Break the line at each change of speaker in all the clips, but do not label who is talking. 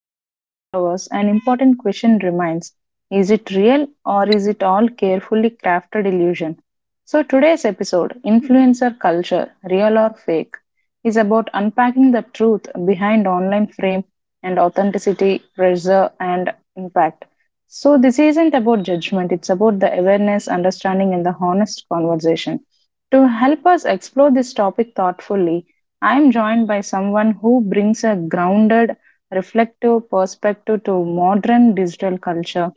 filters and followers, an important question remains, is it real or is it all carefully crafted illusion? So, today's episode, Influencer Culture Real or Fake, is about unpacking the truth behind online frame and authenticity, pressure, and impact. So, this isn't about judgment, it's about the awareness, understanding, and the honest conversation. To help us explore this topic thoughtfully, I am joined by someone who brings a grounded, reflective perspective to modern digital culture.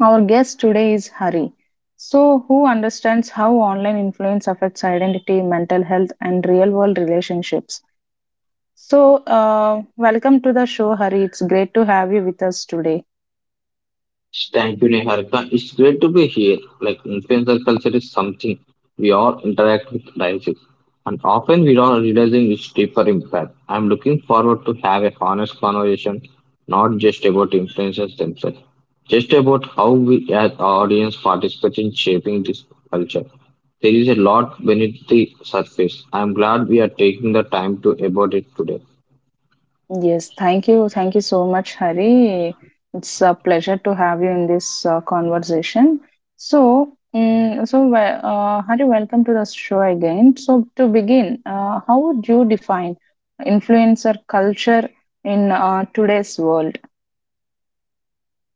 Our guest today is Hari. So, who understands how online influence affects identity, mental health, and real world relationships? So, welcome to the show, Hari. It's great to have you with us today.
Thank you, Niharika. It's great to be here. Like influencer culture is something we all interact with daily, and often we are realizing its deeper impact. I'm looking forward to have a honest conversation, not just about influencers themselves, just about how we as audience participate in shaping this culture. There is a lot beneath the surface. I'm glad we are taking the time to about it today.
Yes, thank you. Thank you so much, Hari. It's a pleasure to have you in this conversation. Hari, welcome to the show again. So, to begin, how would you define influencer culture in today's world?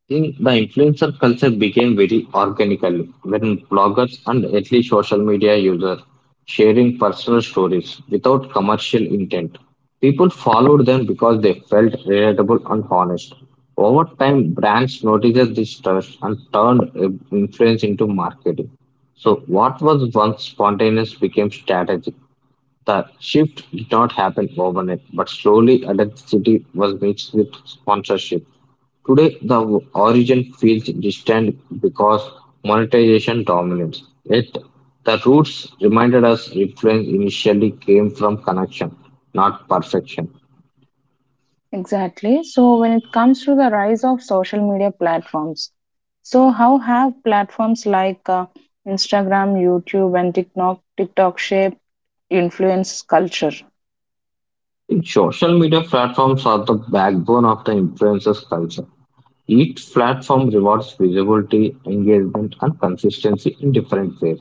Think the influencer culture became very organical when bloggers and early social media users sharing personal stories without commercial intent. People followed them because they felt relatable and honest. Over time, brands noticed this trust and turned influence into marketing. So, what was once spontaneous became strategic. The shift did not happen overnight, but slowly authenticity was mixed with sponsorship. Today, the origin feels distant because monetization dominates. Yet, the roots reminded us influence initially came from connection, not perfection.
Exactly. So, when it comes to the rise of social media platforms, so how have platforms like Instagram, YouTube, and TikTok shape influence culture?
Social media platforms are the backbone of the influencers culture. Each platform rewards visibility, engagement, and consistency in different ways.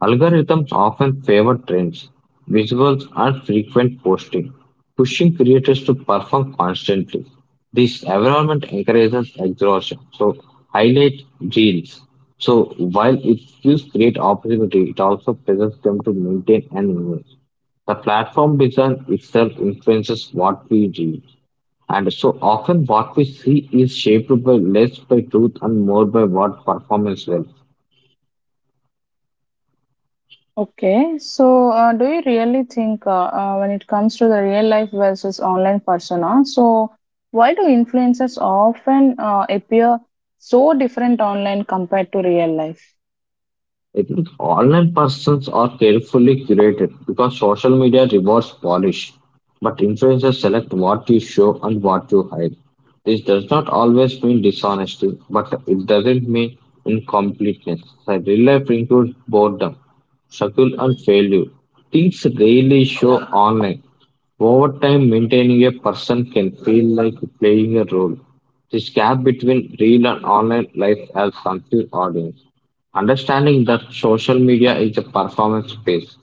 Algorithms often favor trends, visuals, and frequent posting, pushing creators to perform constantly. This environment encourages exhaustion, so highlight deals. So while it gives great opportunity, it also pressures them to maintain and invest. The platform design itself influences what we read. And so often what we see is shaped by less by truth and more by what performance will.
Okay, so do you really think when it comes to the real life versus online persona, so why do influencers often appear so different online compared to real life?
I think online persons are carefully curated because social media rewards polish, but influencers select what you show and what you hide. This does not always mean dishonesty, but it doesn't mean incompleteness. So real life includes boredom, struggle, and failure. Things rarely show online. Over time, maintaining a person can feel like playing a role. This gap between real and online life has confused audience. Understanding that social media is a performance space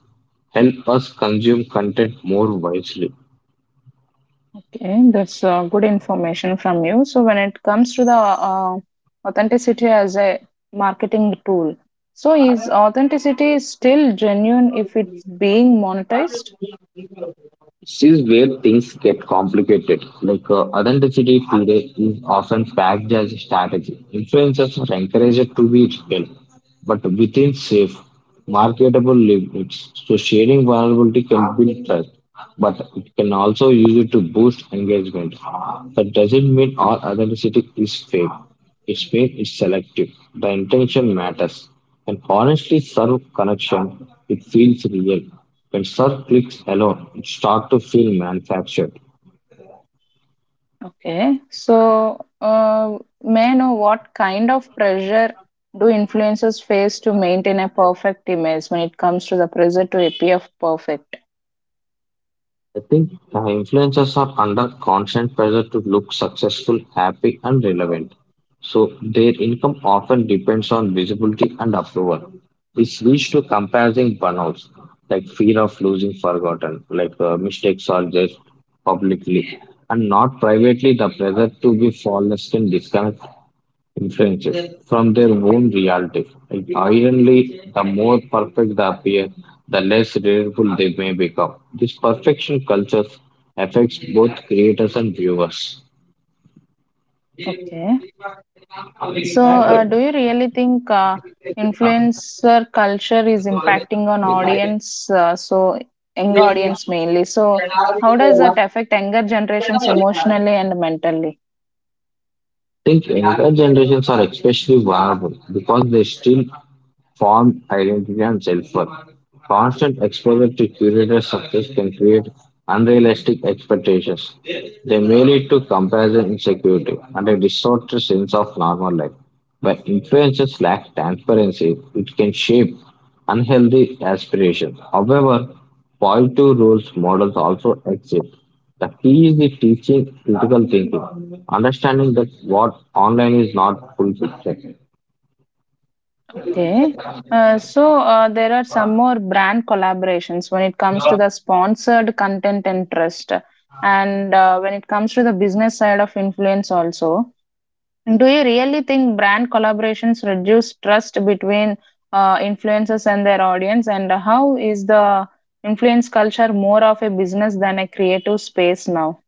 help us consume content more wisely.
Okay, that's good information from you. So when it comes to the uh, authenticity as a marketing tool, so is authenticity still genuine if it's being monetized?
This is where things get complicated. Like authenticity today is often packed as a strategy. Influencers are encouraged to be real, but within safe, marketable limits. So sharing vulnerability can build trust, but it can also use it to boost engagement. That doesn't mean all authenticity is fake. It means it's selective. The intention matters. And honestly, serve connection, it feels real. When serve clicks alone, it starts to feel manufactured.
Okay. So, may I know what kind of pressure do influencers face to maintain a perfect image when it comes to the pressure to appear perfect?
I think influencers are under constant pressure to look successful, happy, and relevant. So their income often depends on visibility and approval. This leads to comparison burnouts, like fear of losing forgotten, like mistakes are just publicly and not privately. The pressure to be flawless can disconnect inferences from their own reality. Ironically, the more perfect they appear, the less reliable they may become. This perfection culture affects both creators and viewers.
Okay. So, do you really think influencer culture is impacting on audience? Young audience mainly. So, how does that affect younger generations emotionally and mentally?
Think younger generations are especially vulnerable because they still formed identity and self-worth. Constant exposure to curated success can create unrealistic expectations. They may lead to comparison insecurity and a distorted sense of normal life. When influences lack transparency, it can shape unhealthy aspirations. However, positive rules models also exist. The key is the teaching critical thinking, understanding that what online is not full fiction.
Okay. There are some more brand collaborations when it comes to the sponsored content and trust, and when it comes to the business side of influence also. Do you really think brand collaborations reduce trust between influencers and their audience? And how is the influence culture more of a business than a creative space now?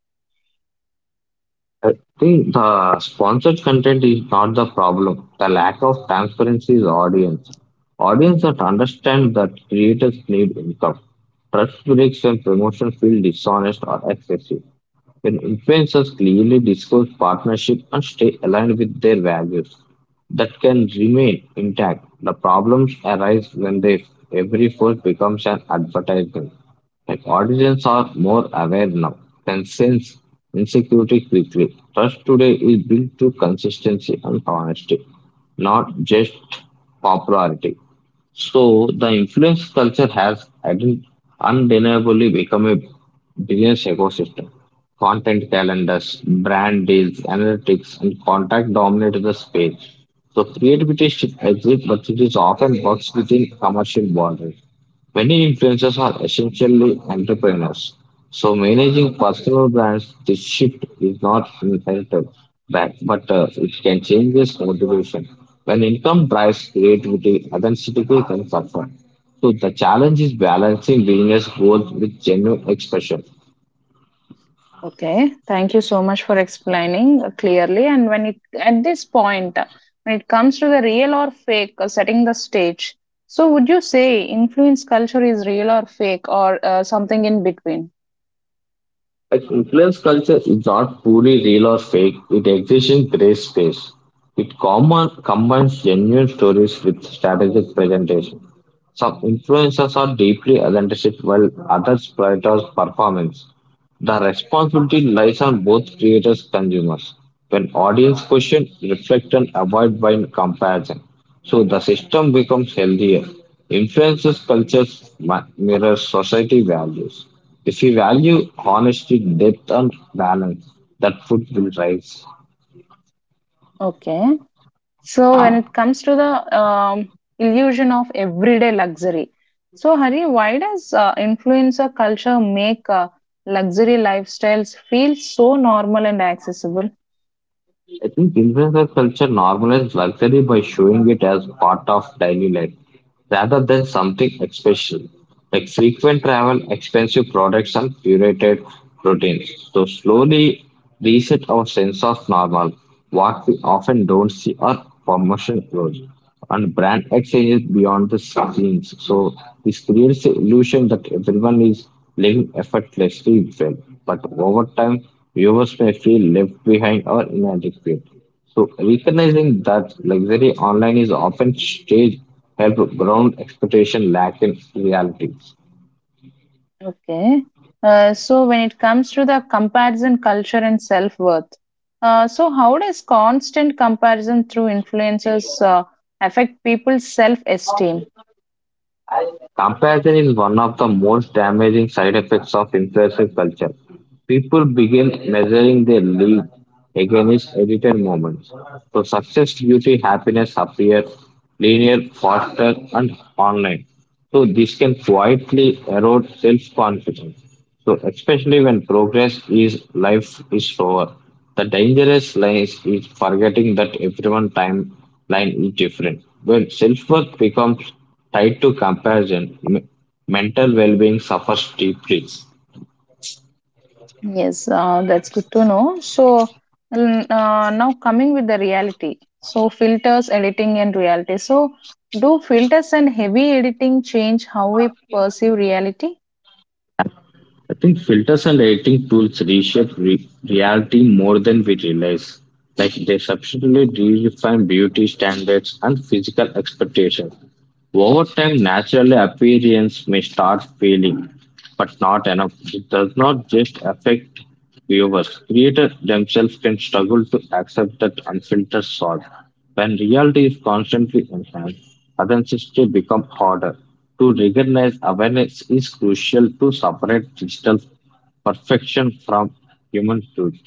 I think the sponsored content is not the problem. The lack of transparency is audience. Audience that understand that creators need income. Trust breaks and promotion feel dishonest or excessive. When influencers clearly disclose partnership and stay aligned with their values, that can remain intact. The problems arise when they, every force becomes an advertisement. Like audiences are more aware now, can sense insecurity quickly. Trust today is built through consistency and honesty, not just popularity. So the influence culture has undeniably become a business ecosystem. Content calendars, brand deals, analytics, and contact dominate the space. So creativity should exist, but it is often boxed within commercial boundaries. Many influencers are essentially entrepreneurs, so managing personal brands, this shift is not inherited, but, it can change this motivation. When income drives creativity, authenticity can suffer. So the challenge is balancing business goals with genuine expression.
Okay, thank you so much for explaining clearly. And when it at this point, when it comes to the real or fake setting the stage, so would you say influence culture is real or fake or something in between?
Like influence culture is not purely real or fake, it exists in gray space. It common, combines genuine stories with strategic presentation. Some influencers are deeply authentic while others prioritize performance. The responsibility lies on both creators and consumers. When audience question, reflect and avoid by comparison. So the system becomes healthier. Influences cultures mirrors society values. If we value honesty, depth and balance, that food will rise.
Okay, so when it comes to the illusion of everyday luxury, so Hari, why does influencer culture make luxury lifestyles feel so normal and accessible?
I think influencer culture normalizes luxury by showing it as part of daily life, rather than something special like frequent travel, expensive products, and curated routines. So, slowly reset our sense of normal, what we often don't see are promotion clothes and brand exchanges beyond the scenes. So, this creates the illusion that everyone is living effortlessly well, but over time, viewers may feel left behind or inadequate. So recognizing that luxury online is often staged help ground expectation lack in reality.
Okay. So when it comes to the comparison culture and self-worth, so how does constant comparison through influencers affect people's self-esteem?
Comparison is one of the most damaging side effects of influencer culture. People begin measuring their lead against edited moments. So success, beauty, happiness appear linear, faster, and online. So this can quietly erode self-confidence. So especially when progress is life is slower. The dangerous line is forgetting that everyone timeline is different. When self-worth becomes tied to comparison, mental well-being suffers deeply.
Yes, that's good to know. So now coming with the reality. So filters, editing, and reality. So do filters and heavy editing change how we perceive reality?
I think filters and editing tools reshape reality more than we realize. Like they substantially redefine beauty standards and physical expectations. Over time, naturally, appearance may start failing, but not enough. It does not just affect viewers. Creators themselves can struggle to accept that unfiltered salt. When reality is constantly enhanced, authenticity becomes harder. To recognize awareness is crucial to separate digital perfection from human truth.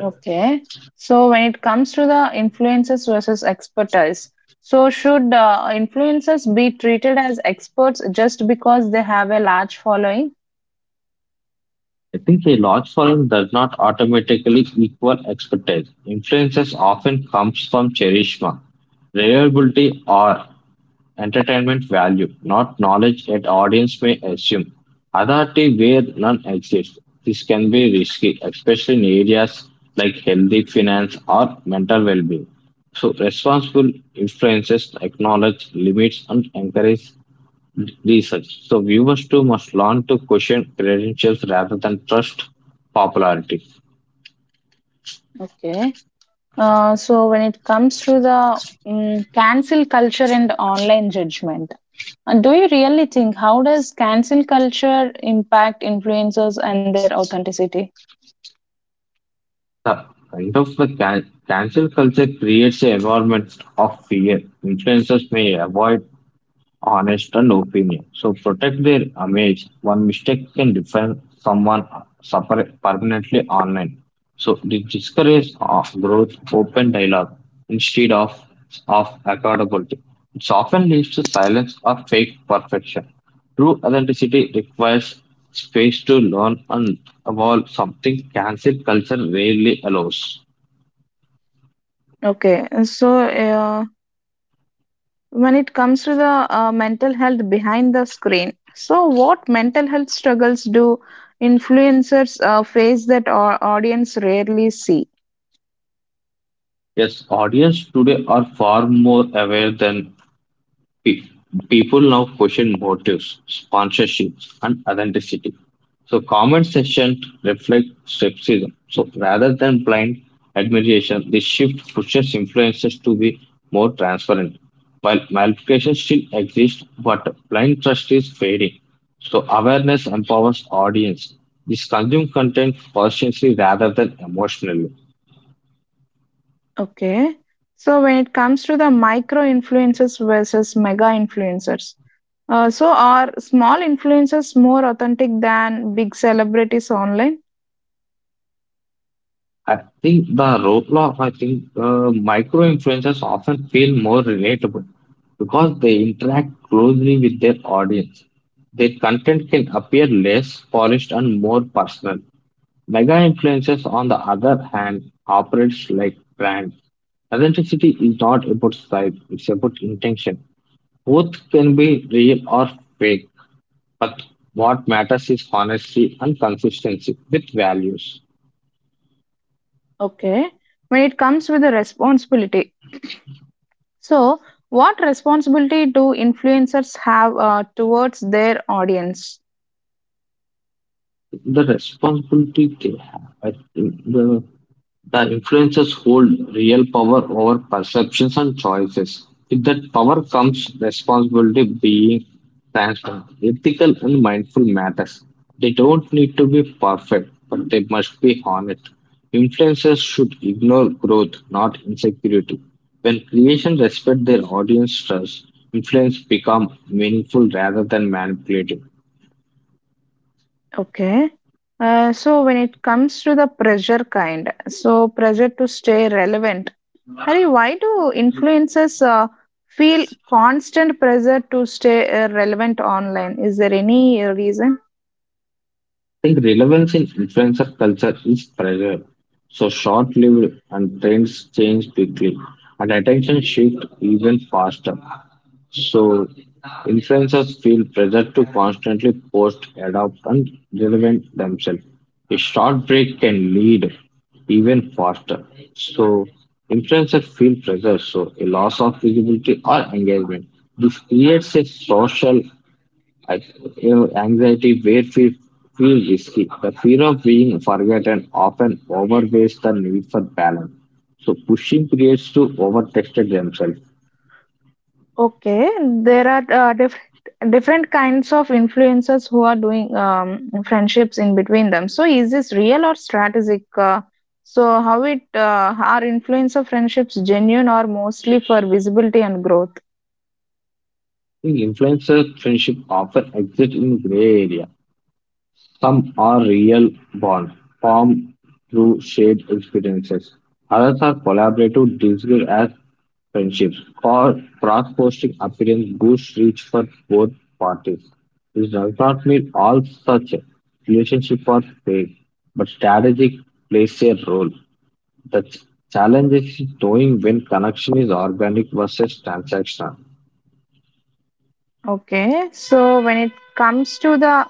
Okay. So when it comes to the influencers versus expertise, so should influencers be treated as experts just because they have a large following?
I think a large following does not automatically equal expertise. Influences often comes from charisma, reliability, or entertainment value, not knowledge that audience may assume. Authority where none exists. This can be risky, especially in areas like healthy finance or mental well-being. So responsible influences acknowledge limits and encourage research. So viewers too must learn to question credentials rather than trust popularity.
Okay. When it comes to the cancel culture and online judgment, do you really think how does cancel culture impact influencers and their authenticity?
The kind of the cancel culture creates an environment of fear. Influencers may avoid honest and opinion. So protect their image. One mistake can define someone suffer permanently online. So this discourages of growth, open dialogue instead of accountability. It often leads to silence or fake perfection. True authenticity requires space to learn and evolve something cancel culture rarely allows.
Okay, so when it comes to the mental health behind the screen, so what mental health struggles do influencers face that our audience rarely see?
Yes, audience today are far more aware than Pe- people now question motives, sponsorship, and authenticity. So, comment section reflect skepticism. So, rather than blind admiration, this shift pushes influencers to be more transparent. While malpractice still exists, but blind trust is fading. So, awareness empowers audience. This consume content consciously rather than emotionally.
Okay, so when it comes to the micro influencers versus mega influencers, so are small influencers more authentic than big celebrities online?
I I think micro influencers often feel more relatable because they interact closely with their audience. Their content can appear less polished and more personal. Mega influencers, on the other hand, operates like brands. Authenticity is not about size, it's about intention. Both can be real or fake, but what matters is honesty and consistency with values.
Okay, when it comes with the responsibility, so what responsibility do influencers have towards their audience?
The responsibility they have. I think the influencers hold real power over perceptions and choices. With that power comes responsibility being transparent, ethical and mindful matters. They don't need to be perfect, but they must be honest. Influencers should ignore growth, not insecurity. When creation respect their audience trust, influence become meaningful rather than manipulative.
Okay. When it comes to the pressure kind, so pressure to stay relevant. Hari, why do influencers feel constant pressure to stay relevant online? Is there any reason?
I think relevance in influencer culture is fragile, so short-lived and trends change quickly and attention shift even faster. So influencers feel pressure to constantly post, adapt and relevant themselves. A short break can lead even faster. So influencers feel pressure, so a loss of visibility or engagement. This creates a social I, anxiety where we feel risky. The fear of being forgotten often outweighs the need for balance. So pushing creates to overtested themselves. I
Okay, there are different kinds of influencers who are doing friendships in between them. So is this real or strategic? So how it are influencer friendships genuine or mostly for visibility and growth?
think influencer friendship often exist in gray area. Some are real bonds formed through shared experiences. Others are collaborative, disguised as friendships. For cross-posting appearance boosts reach for both parties. This does not mean all such relationships are fake, but strategy plays a role. The challenge is knowing when connection is organic versus transactional.
Okay, so when it comes to the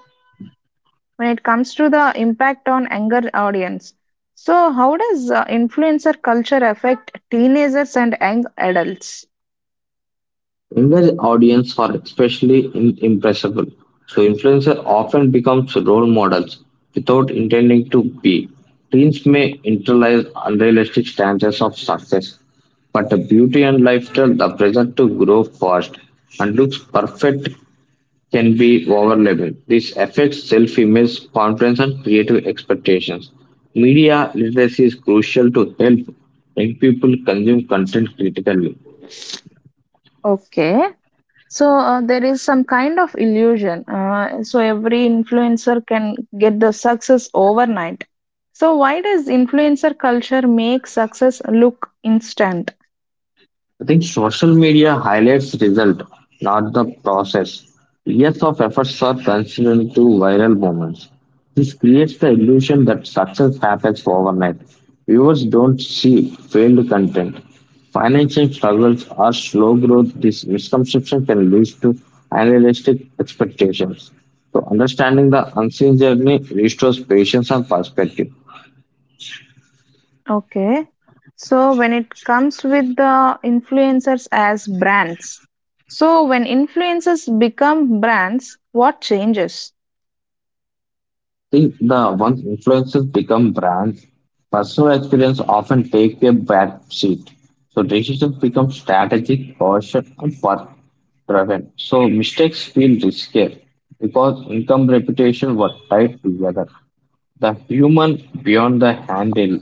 when it comes to the impact on younger audience, so how does influencer culture affect teenagers and young adults?
Younger audiences are especially impressible, so influencers often become role models without intending to be. Teens may internalize unrealistic standards of success, but the beauty and lifestyle the pressure to grow fast and looks perfect can be overwhelming. This affects self-image, confidence, and creative expectations. Media literacy is crucial to help young people consume content critically.
Okay, so there is some kind of illusion. So every influencer can get the success overnight. So why does influencer culture make success look instant?
I think social media highlights result, not the process. Years of efforts are considered into viral moments. This creates the illusion that success happens overnight. Viewers don't see failed content. Financial struggles or slow growth, this misconception can lead to unrealistic expectations. So understanding the unseen journey restores patience and perspective.
Okay. So when it comes with the influencers as brands, so when influencers become brands, what changes?
Think the once influences become brands, personal experience often takes a back seat. So decisions become strategic, cautious, and work driven. So mistakes feel riskier because income reputation were tied together. The human beyond the handle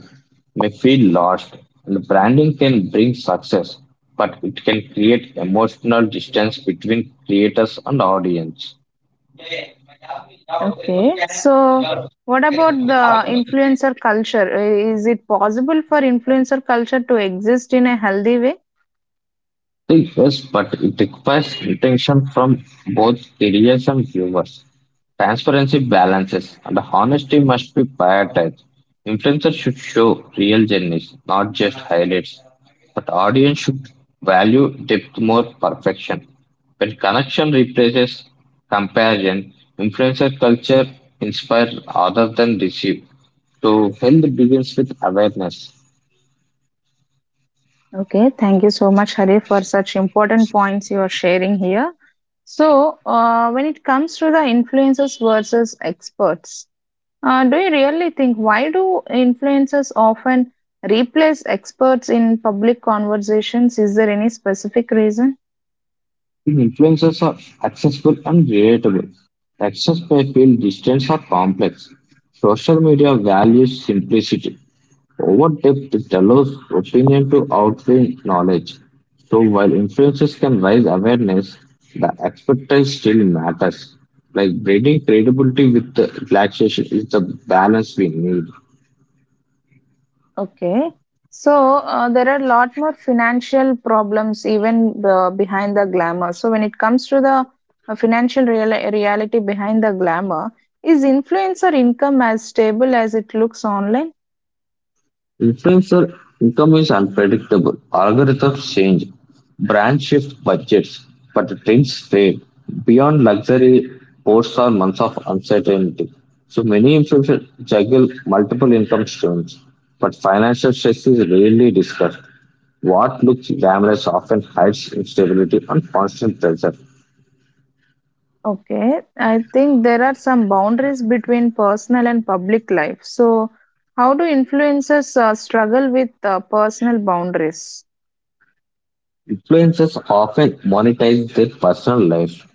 may feel lost, and branding can bring success, but it can create emotional distance between creators and audience.
Okay. So what about the influencer culture? Is it possible for influencer culture to exist in a healthy way?
Yes, but it requires attention from both readers and viewers. Transparency balances and honesty must be prioritized. Influencers should show real journeys, not just highlights. But audience should value depth more perfection. When connection replaces comparison, influencer culture inspires rather than deceive. So health begins with awareness.
Okay. Thank you so much, Hari, for such important points you are sharing here. So when it comes to the influencers versus experts, do you really think why do influencers often replace experts in public conversations? Is there any specific reason?
These influences are accessible and relatable. Access may feel distant or complex. Social media values simplicity over depth. It allows opinion to outweigh knowledge. So while influences can raise awareness, the expertise still matters. Like breeding credibility with the relaxation is the balance we need.
Okay. So there are a lot more financial problems even behind the glamour. So when it comes to the reality behind the glamour, is influencer income as stable as it looks online?
Influencer income is unpredictable. Algorithms change, brands shift budgets, but the trends fade beyond luxury posts are months of uncertainty. So many influencers juggle multiple income streams, but financial stress is rarely discussed. What looks glamorous often hides instability and constant pressure.
Okay, I think there are some boundaries between personal and public life. So, how do influencers struggle with personal boundaries?
Influencers often monetize their personal life,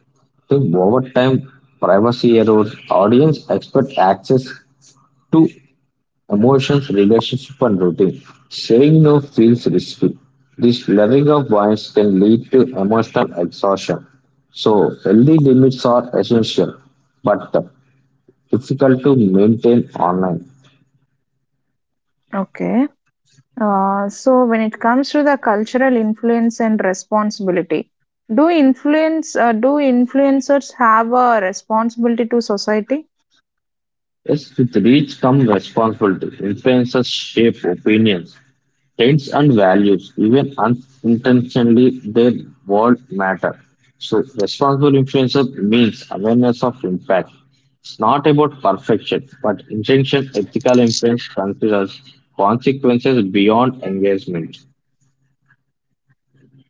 so over time, privacy erodes. Audience expect access to emotions, relationship, and routine. Saying no feels risky. This blurring of lines can lead to emotional exhaustion. So healthy limits are essential, but difficult to maintain online.
Okay, so when it comes to the cultural influence and responsibility, do influencers have a responsibility to society?
Yes, with reach comes responsibility. Influences shape opinions, trends, and values. Even unintentionally, their world matter. So responsible influences means awareness of impact. It's not about perfection, but intention. Ethical influence considers consequences beyond engagement.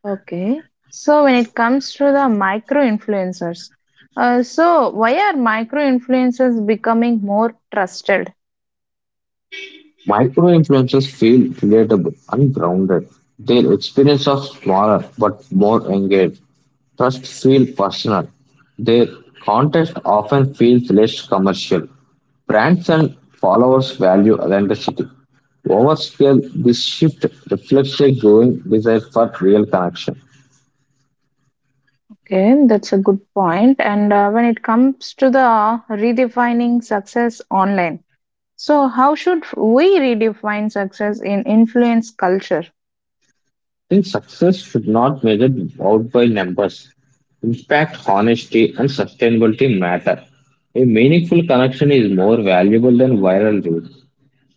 Okay, so when it comes to the micro influencers, so why are micro influencers becoming more trusted?
Micro influencers feel relatable and grounded. Their experience are smaller but more engaged. Trust feel personal. Their content often feels less commercial. Brands and followers value authenticity. Over scale, this shift reflects a growing desire for real connection.
Okay, that's a good point. And when it comes to the redefining success online, so how should we redefine success in influence culture?
Then success should not measured out by numbers. Impact, honesty, and sustainability matter. A meaningful connection is more valuable than viral reach.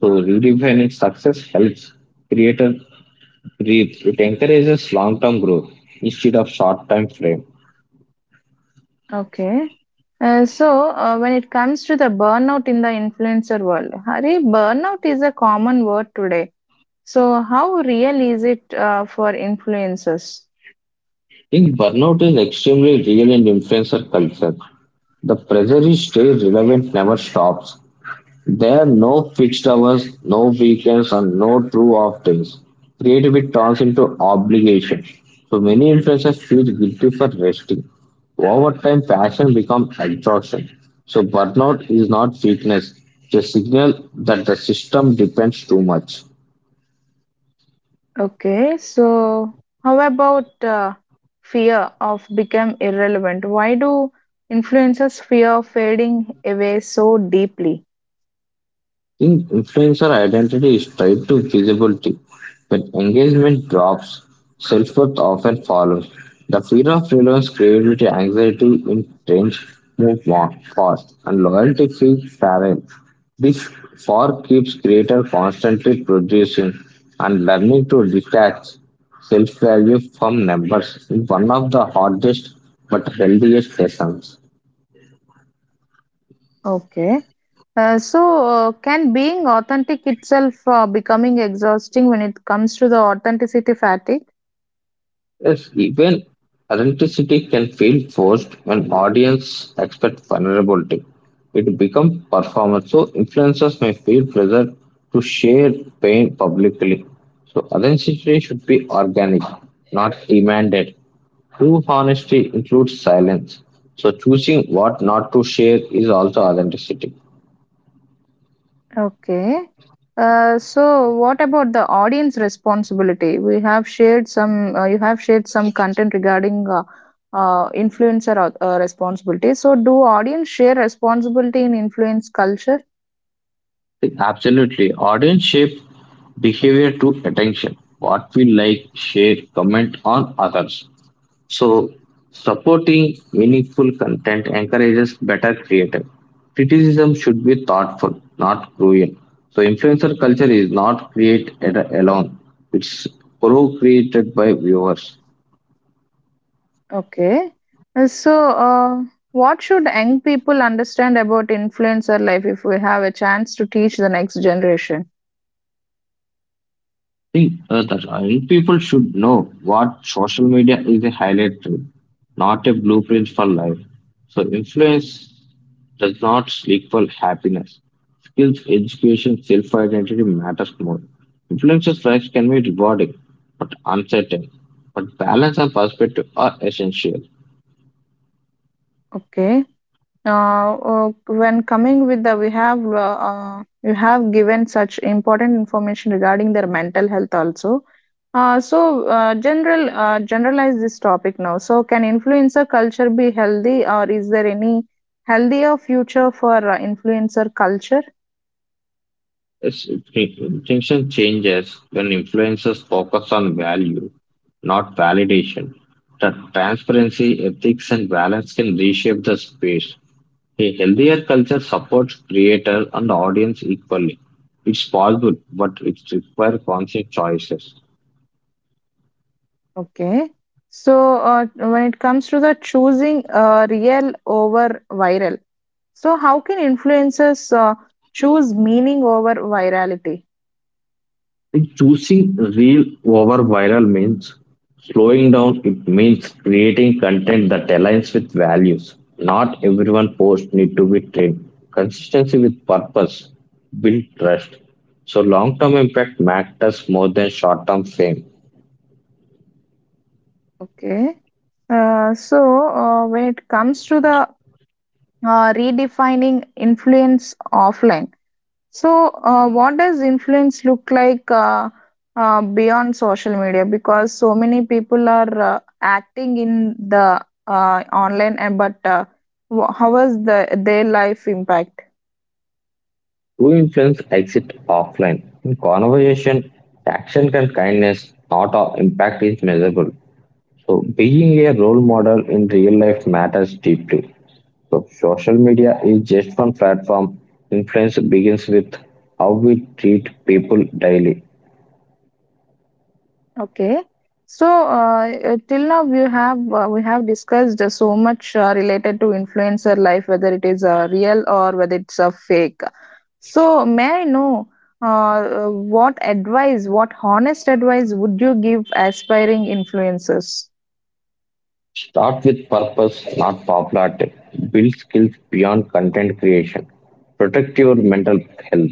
So redefining success helps creators reach. It encourages long-term growth instead of short time frame.
Okay. When it comes to the burnout in the influencer world, Hari, burnout is a common word today. So, how real is it for influencers?
I think burnout is extremely real in influencer culture. The pressure to stay relevant never stops. There are no fixed hours, no weekends, and no true off days. Creativity turns into obligation. So many influencers feel guilty for resting. Over time, passion becomes exhaustion. So burnout is not weakness, it's a signal that the system depends too much.
Okay, so how about fear of become irrelevant? Why do influencers fear of fading away so deeply?
In influencer identity is tied to visibility. When engagement drops, self-worth often follows. The fear of relevance, creativity, anxiety in change move more fast, and loyalty feels fragile. This far keeps creator constantly producing, and learning to detach self-value from numbers is one of the hardest but healthiest lessons.
Okay. Can being authentic itself becoming exhausting when it comes to the authenticity fatigue?
Yes, even authenticity can feel forced when audience expect vulnerability. It becomes performance, so influencers may feel pressure to share pain publicly. So authenticity should be organic, not demanded. True honesty includes silence. So choosing what not to share is also authenticity.
Okay. So what about the audience responsibility? We have shared some, you have shared some content regarding responsibility. So do audience share responsibility in influence culture?
Absolutely, audience shape behavior to attention. What we like, share, comment on others. So supporting meaningful content encourages better creators. Criticism should be thoughtful, not cruel. So influencer culture is not created alone, it's pro created by viewers.
Okay. Uh, So uh, what should young people understand about influencer life if we have a chance to teach the next generation?
See, the young people should know what social media is a highlight reel, not a blueprint for life. So influence does not equal happiness. Skills, education, self identity matters more. Influencers' lives can be rewarding but uncertain, but balance and perspective are essential.
Okay. Now, when coming with the, we have you have given such important information regarding their mental health also. Generalize this topic now. So, can influencer culture be healthy, or is there any healthier future for influencer culture?
Yes, distinction changes when influencers focus on value, not validation. That transparency, ethics, and balance can reshape the space. A healthier culture supports creator and audience equally. It's possible, but it requires conscious choices.
Okay. So, when it comes to the choosing real over viral, so how can influencers choose meaning over virality?
Like choosing real over viral means slowing down. It means creating content that aligns with values. Not everyone post need to be trained. Consistency with purpose build trust. So long term impact matters more than short term fame.
Okay. When it comes to the redefining influence offline, so what does influence look like beyond social media? Because so many people are acting in the online, and but how was the their life impact?
True influence exit offline. In conversation, action and kindness, not all impact is measurable. So being a role model in real life matters deeply. So social media is just one platform. Influence begins with how we treat people daily.
Okay, so till now we have discussed so much related to influencer life, whether it is real or whether it's a fake. So, may I know what honest advice would you give aspiring influencers?
Start with purpose, not popularity. Build skills beyond content creation. Protect your mental health.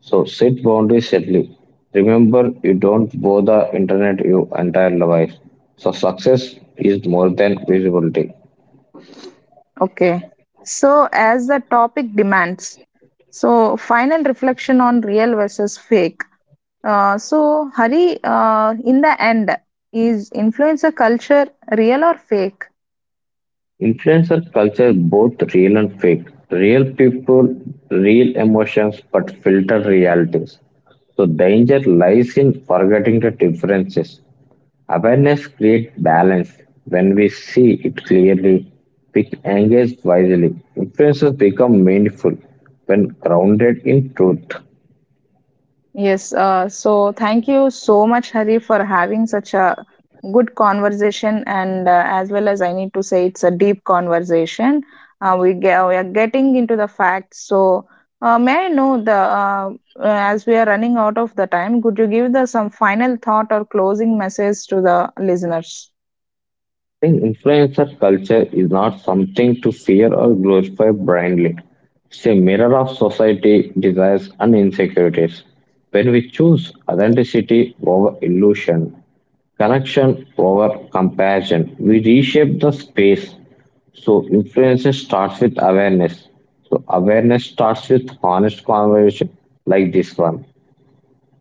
So set boundaries gently. Remember, you don't owe the internet your entire life. So success is more than visibility.
Okay. So, as the topic demands, so final reflection on real versus fake. So, Hari, in the end, is influencer culture real or fake?
Influencer culture both real and fake. Real people, real emotions, but filtered realities. So danger lies in forgetting the differences. Awareness creates balance. When we see it clearly, we engage wisely. Influences become meaningful when grounded in truth.
Yes, so thank you so much, Hari, for having such a good conversation. And as well as I need to say, it's a deep conversation. We are getting into the facts. So may I know the as we are running out of the time, could you give the some final thought or closing message to the listeners?
Think influencer culture is not something to fear or glorify blindly. It's a mirror of society, desires, and insecurities. When we choose authenticity over illusion, connection over compassion, we reshape the space. So influence starts with awareness. So awareness starts with honest conversation like this one.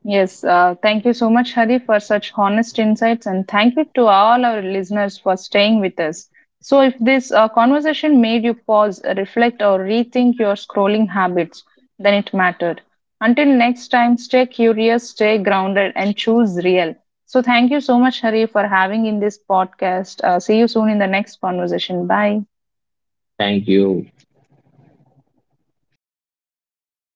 Yes, thank you so much, Hari, for such honest insights, and thank you to all our listeners for staying with us. So, if this conversation made you pause, reflect, or rethink your scrolling habits, then it mattered. Until next time, stay curious, stay grounded, and choose real. So, thank you so much, Hari, for having in this podcast. See you soon in the next conversation. Bye.
Thank you.